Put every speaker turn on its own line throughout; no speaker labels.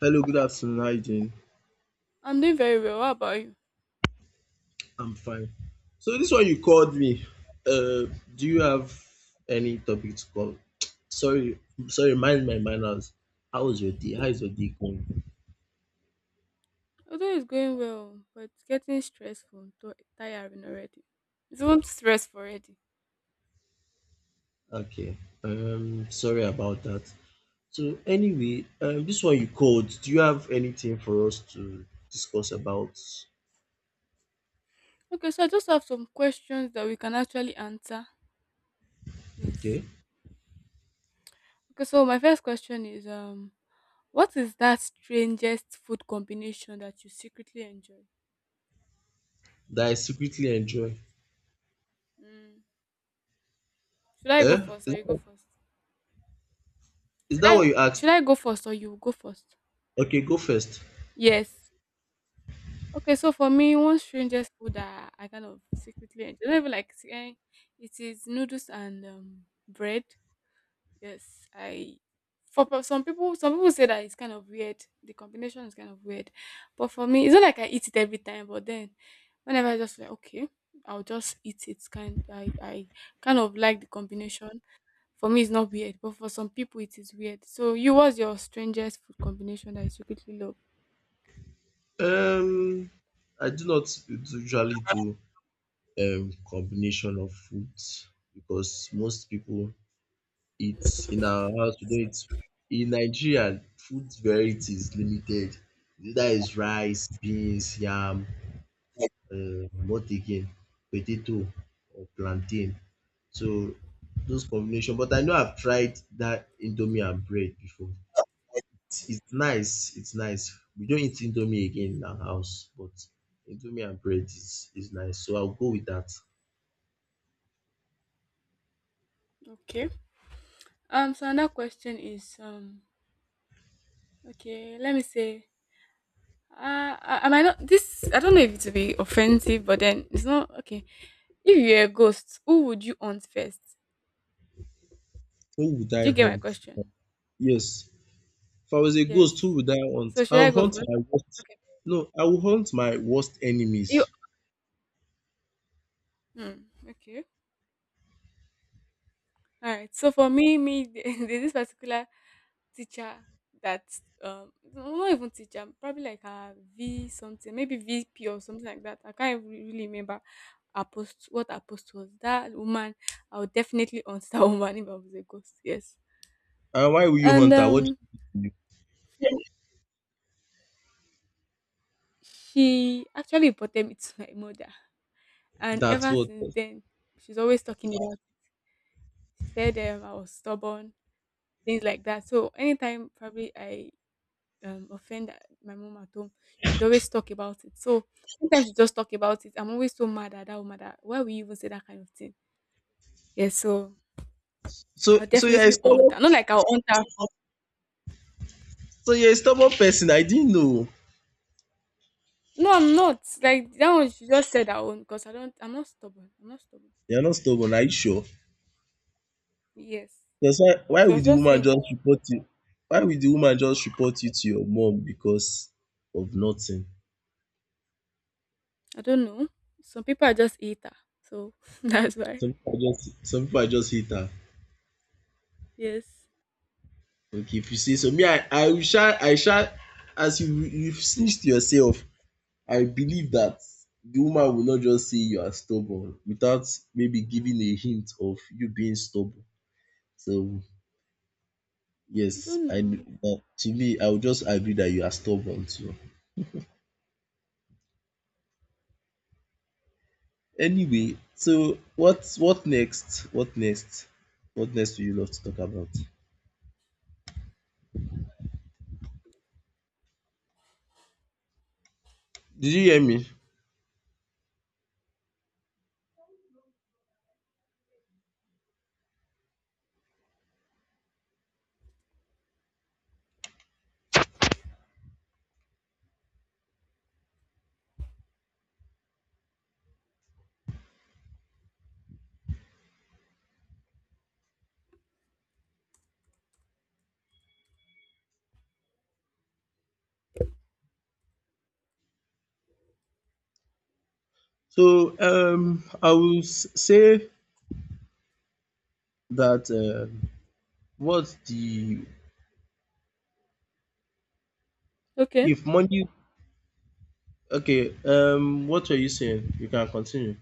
Hello, good afternoon. How you doing?
I'm doing very well. How about you?
I'm fine. So this one you called me. Do you have any topic to call? Sorry, sorry. Mind my manners. How was your day? How is your day going?
Although it's going well, but it's getting stressful, tiring already. It's not stressful already.
Okay. Sorry about that. So anyway, this one you called. Do you have anything for us to discuss about?
Okay, so I just have some questions that we can actually answer. Yes.
Okay.
Okay, so my first question is what is that strangest food combination that you secretly enjoy?
That I secretly enjoy.
Mm. Should I go
Eh?
first or
Is
you go first?
is
Should
that
I
what you
should
asked?
I go first or you go first?
Okay, go first.
Yes. Okay, so for me, one strangest food that I kind of secretly enjoy, not even like it is noodles and bread. Yes, some people say that it's kind of weird. The combination is kind of weird, but for me, it's not like I eat it every time. But then, whenever I just like okay, I'll just eat it. Kind I kind of like the combination. For me, it's not weird, but for some people, it is weird. So, you what's your strangest food combination that you secretly love?
Um, I do not usually do combination of foods because most people eat in our house we don't eat in Nigeria food variety is limited. Either is rice, beans, yam, what again? Potato or plantain. So those combination but I know I've tried that indomie and bread before. It's nice, it's nice. We don't eat indomie again in our house but indomie and bread is nice so I'll go with that.
Okay. So another question is okay, let me say, uh, I might not. This I don't know if it will be offensive, but then it's not okay. If you're a ghost, who would you haunt first?
Who would I
Do you get my
hunt?
question?
Yes. If I was a
Yes.
ghost, who would I hunt?
So should I
I'll
go
hunt
first?
my worst.
Okay.
No, I will hunt my worst
You.
enemies.
Hmm, okay. Alright, so for me, me, there's this particular teacher that no, not even teacher, probably like a V something, maybe VP or something like that. I can't even really remember her post what her post was. That woman, I would definitely answer that woman if I was a ghost. Yes.
And why will you
And
hunt her? What do you do to
she actually reported me to my mother.
you?
And
That's
ever
what.
since then, she's always talking about she said I was stubborn, things like that. So anytime probably I offend my mom at home, she'd always talk about it. So sometimes we just talk about it. I'm always so mad at that woman that why would you even say that kind of thing? Yeah, so
So,
I'll
so you're a
definitely own
stubborn.
her. Not like I'll own her.
So you're a stubborn person. I didn't know.
No, I'm not. Like that one, she just said her own because I don't. I'm not stubborn. I'm not stubborn.
You're not stubborn. Are you sure?
Yes,
That's why. Why
she was
would the
just
woman
saying her
just
own.
report you? Why would the woman just report you to your mom because of nothing?
I don't know. Some people are just eater, so that's why.
Some people are just. Some people are just hate her.
Yes,
Okay, if you say so, me, I will shall, I shall. As you snitch to yourself. I believe that the woman will not just say you are stubborn without maybe giving a hint of you being stubborn. So
I
yes,
don't
I
know.
that to me I would just agree that you are stubborn too. Anyway, so what next? What next? What next do you love to talk about? Did you hear me? So I will say that what's the
Okay,
if money okay what were you saying? You can continue.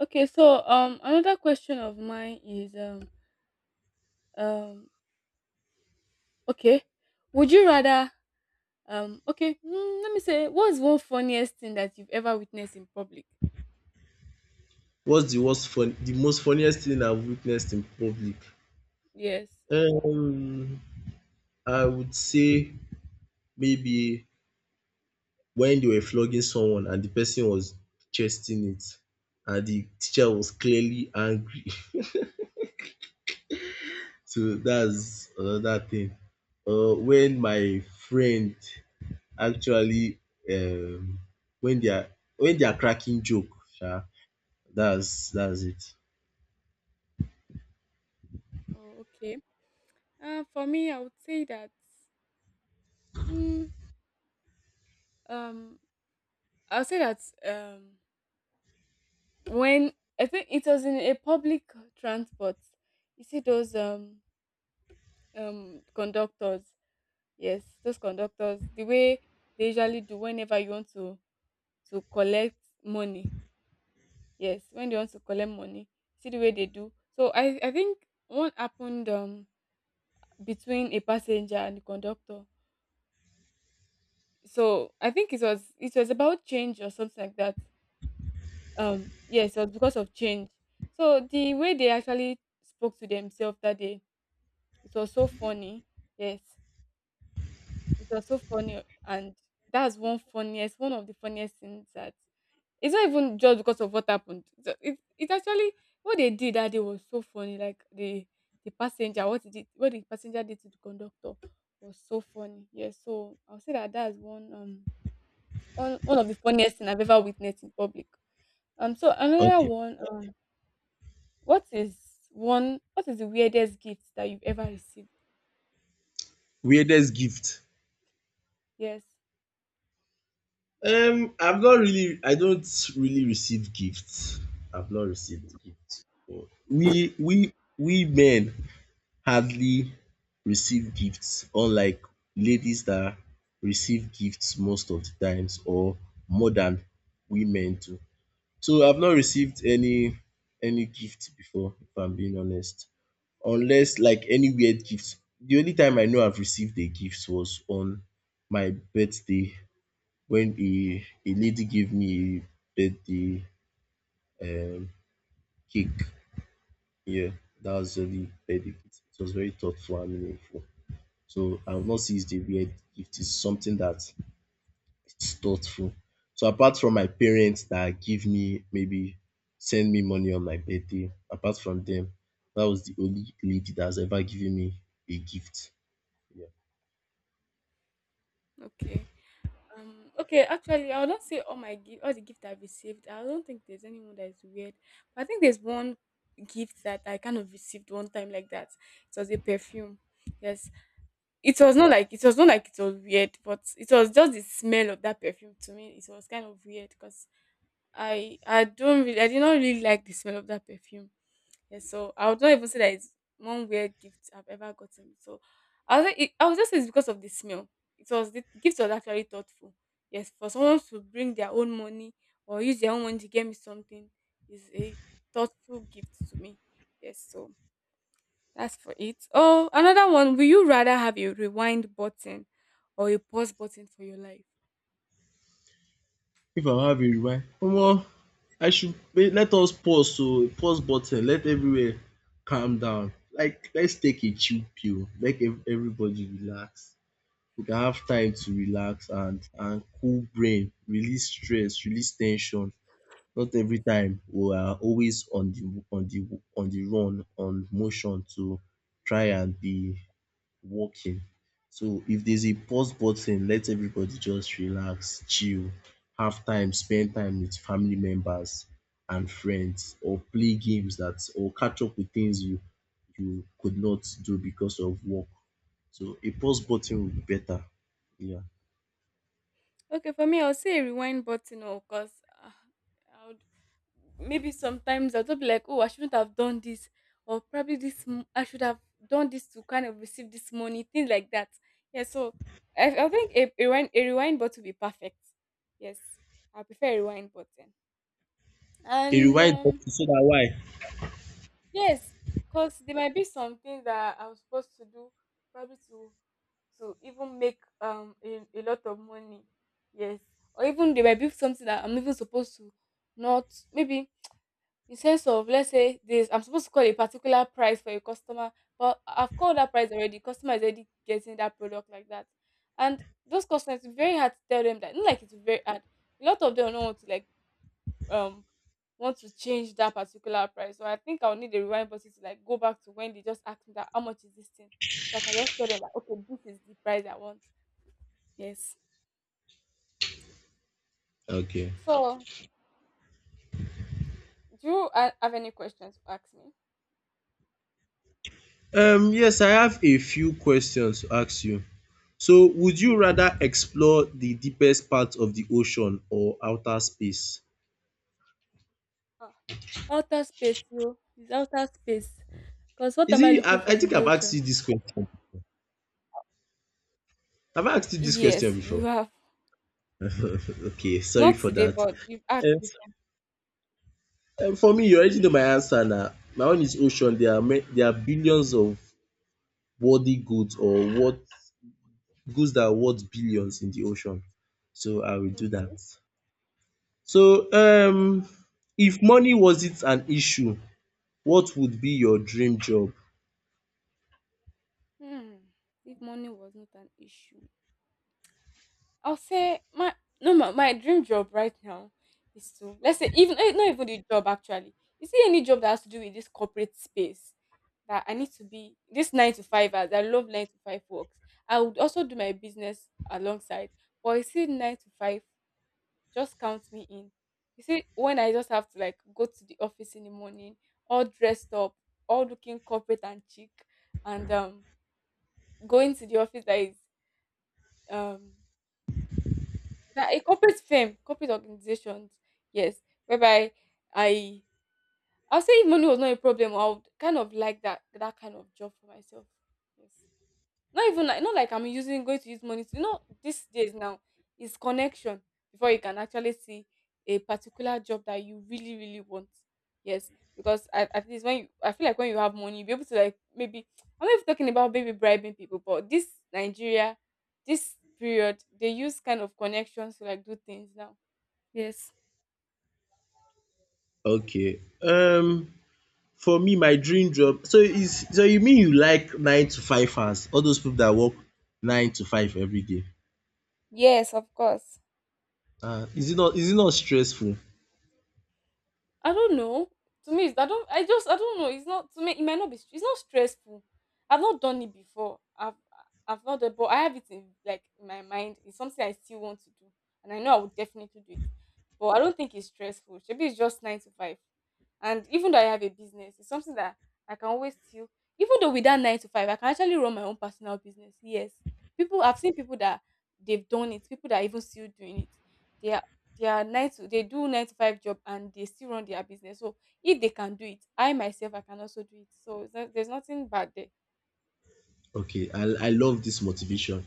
okay. So another question of mine is um okay, would you rather okay, mm, let me say, what's one funniest thing that you've ever witnessed in public?
What's the worst fun the most funniest thing I've witnessed in public?
Yes.
Um, I would say maybe when they were flogging someone and the person was chesting it and the teacher was clearly angry. So that's another thing. When my friend actually um when they are when they are cracking joke sha, that's it.
Oh, okay. For me, Mm, um, I would say that. Um, when I think it was in a public transport, you see those conductors. Yes, those conductors. The way they usually do whenever you want to collect money. Yes, when they want to collect money, see the way they do. So I think one happened. Between a passenger and the conductor. So I think it was about change or something like that. Yes, it was because of change. So the way they actually spoke to themselves that day, it was so funny. Yes. It was so funny and that's one funniest one of the funniest things that it's not even just because of what happened. So it actually what they did that day was so funny. Like the passenger, what the passenger did to the conductor was so funny. Yeah, so I'll say that that's one, one of the funniest thing I've ever witnessed in public. So another
Okay.
one. What is What is the weirdest gift that you've ever received?
Weirdest gift.
Yes.
I've not really, I don't really receive gifts. I've not received gifts. We men hardly receive gifts unlike ladies that receive gifts most of the times or more than we men do. So I've not received any gift before if I'm being honest. Unless like any weird gift. The only time I know I've received a gift was on my birthday when a lady gave me a birthday um, cake. Yeah, that was really birthday gift. It was very thoughtful and meaningful. So I would not see it a weird gift. It's something that it's thoughtful. So apart from my parents that give me maybe send me money on my birthday, apart from them, that was the only lady that's ever given me a gift. Yeah.
Okay. Okay, actually, I would not say all the gift I've received. I don't think there's anyone that is weird. But I think there's one gift that I kind of received one time like that. It was a perfume. Yes, it was not like it was weird, but it was just the smell of that perfume to me. It was kind of weird because I did not really like the smell of that perfume. Yeah, so I would not even say that it's one weird gift I've ever gotten. So I was like, I was just say it's because of the smell. It was The gift was actually thoughtful. Yes, for someone to bring their own money or use their own money to get me something is a thoughtful gift to me. Yes, so that's for it. Oh, another one. Will you rather have a rewind button or a pause button for your life?
If our hand dey rewind omo I should let us pause oh, pause button let everywhere calm down like let's take a chill pill make everybody relax we can have time to relax and cool brain, release stress, release ten sion not every time we are always on the run on motion to try and be working. So if there's a pause button, let everybody just relax, chill, have time, spend time with family members and friends, or play games that or catch up with things you could not do because of work. So a pause button would be better. Yeah.
Okay, for me, I'll say a rewind button, or because uh, I would maybe sometimes I'll just be like, oh, I shouldn't have done this, or probably I should have done this to kind of receive this money, things like that. Yeah, so I think a rewind button would be perfect. Yes, I prefer a rewind button,
A
and
rewind button so that why?
yes, because there might be some things that I was supposed to do probably to even make a lot of money, yes, or even they might be something that I'm even supposed to not maybe, in sense of let's say this I'm supposed to call a particular price for a customer, but I've called that price already, customer is already getting that product like that, and those customers, it's very hard to tell them that, not like it's very hard, a lot of them don't want to um want to change that particular price. So I think I'll need a rewind button to like go back to when they just asked me that how much is this thing, so I can just tell them that okay, this is the price I want. Yes.
Okay.
So, do you have any questions to ask me?
Yes, I have a few questions to ask you. So would you rather explore the deepest part of the ocean or outer space?
Ah, outer space, yo. It's outer space. Because what
Is
am I
it?
looking
I,
for
I
in
think
the
I've asked
ocean?
you this question. Have I asked you this question
Yes, you
before?
have.
Okay, sorry
Not
for
today,
that.
but you've asked
Um,
before.
for me, you already know my answer now. My own is ocean. There are there are billions of worthy goods or what goods that are worth billions in the ocean. So I will do that.
Okay.
So if money wasn't an issue, what would be your dream job?
Hmm. If money was not an issue, I'll say my no my, my dream job right now is to, let's say, even not even the job actually. You see any job that has to do with this corporate space that I need to be this nine to five, as I love nine to five works. I would also do my business alongside. But you see, nine to five, just count me in. You see, when I just have to like go to the office in the morning, all dressed up, all looking corporate and chic, and going to the office that is um that a corporate firm, corporate organizations, yes, whereby I I'll say if money was not a problem, I would kind of like that that kind of job for myself. Yes. Not even like, not like I'm using going to use money to, you know, these days now it's connection before you can actually see a particular job that you really, really want. Yes. Because at least when you, I feel like when you have money, you'll be able to like maybe, I'm not even talking about maybe bribing people, but this Nigeria, this period, they use kind of connections to like do things now. Yes.
Okay. For me, my dream job so is so you mean you like 9 to 5 hours? All those people that work 9 to 5 every day.
Yes, of course.
Is it not stressful?
I don't know. To me, I don't. I just. I don't know. It's not to me. It might not be. It's not stressful. I've not done it before. I've. I've not done, but I have it in like in my mind. It's something I still want to do, and I know I would definitely do it. But I don't think it's stressful. Maybe it's just nine to five, and even though I have a business, it's something that I can always still. Even though with that nine to five, I can actually run my own personal business. Yes, people. I've seen people that they've done it. People that are even still doing it. They they do nine to five job and they still run their business. So if they can do it, I myself I can also do it. So it's not- there's nothing bad there.
Okay, I love this motivation.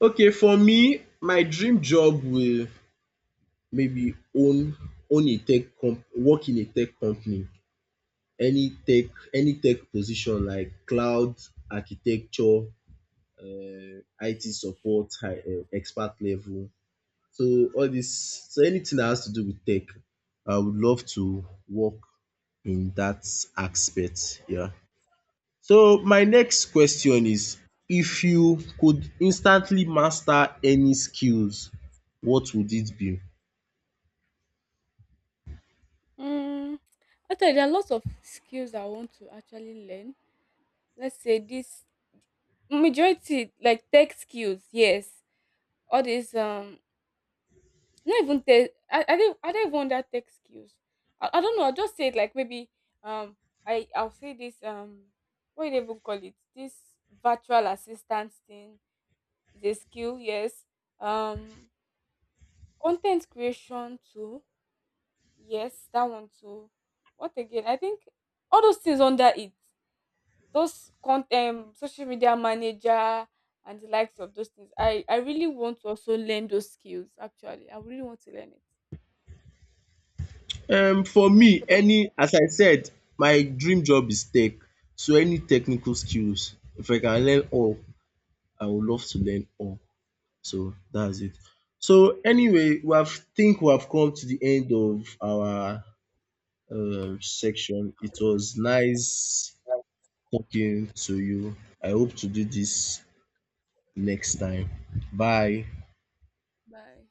Okay, for me, my dream job will maybe own own a tech comp work in a tech company. Any tech position like cloud architecture, IT support, high expert level. So all this, so anything that has to do with tech, I would love to work in that aspect. Yeah. So my next question is, if you could instantly master any skills, what would it be?
Mm, actually, there are lots of skills I want to actually learn. Let's say this majority like tech skills, yes. All these not even tech. I don't even under tech skills. I don't know. I'll just say it like maybe um I I'll say this what do they even call it? This virtual assistant thing is a skill, yes. Um, content creation too, yes, that one too. What again? I think all those things under it, those content, social media manager, and the likes of those things. I really want to also learn those skills. Actually, I really want to learn it.
For
And
me,
so,
any as I said, my dream job is tech. So any technical skills, if I can learn all, I would love to learn all. So that's it. So anyway, we have think we have come to the end of our section. It was nice talking to you. I hope to do this next time. Bye.
bye.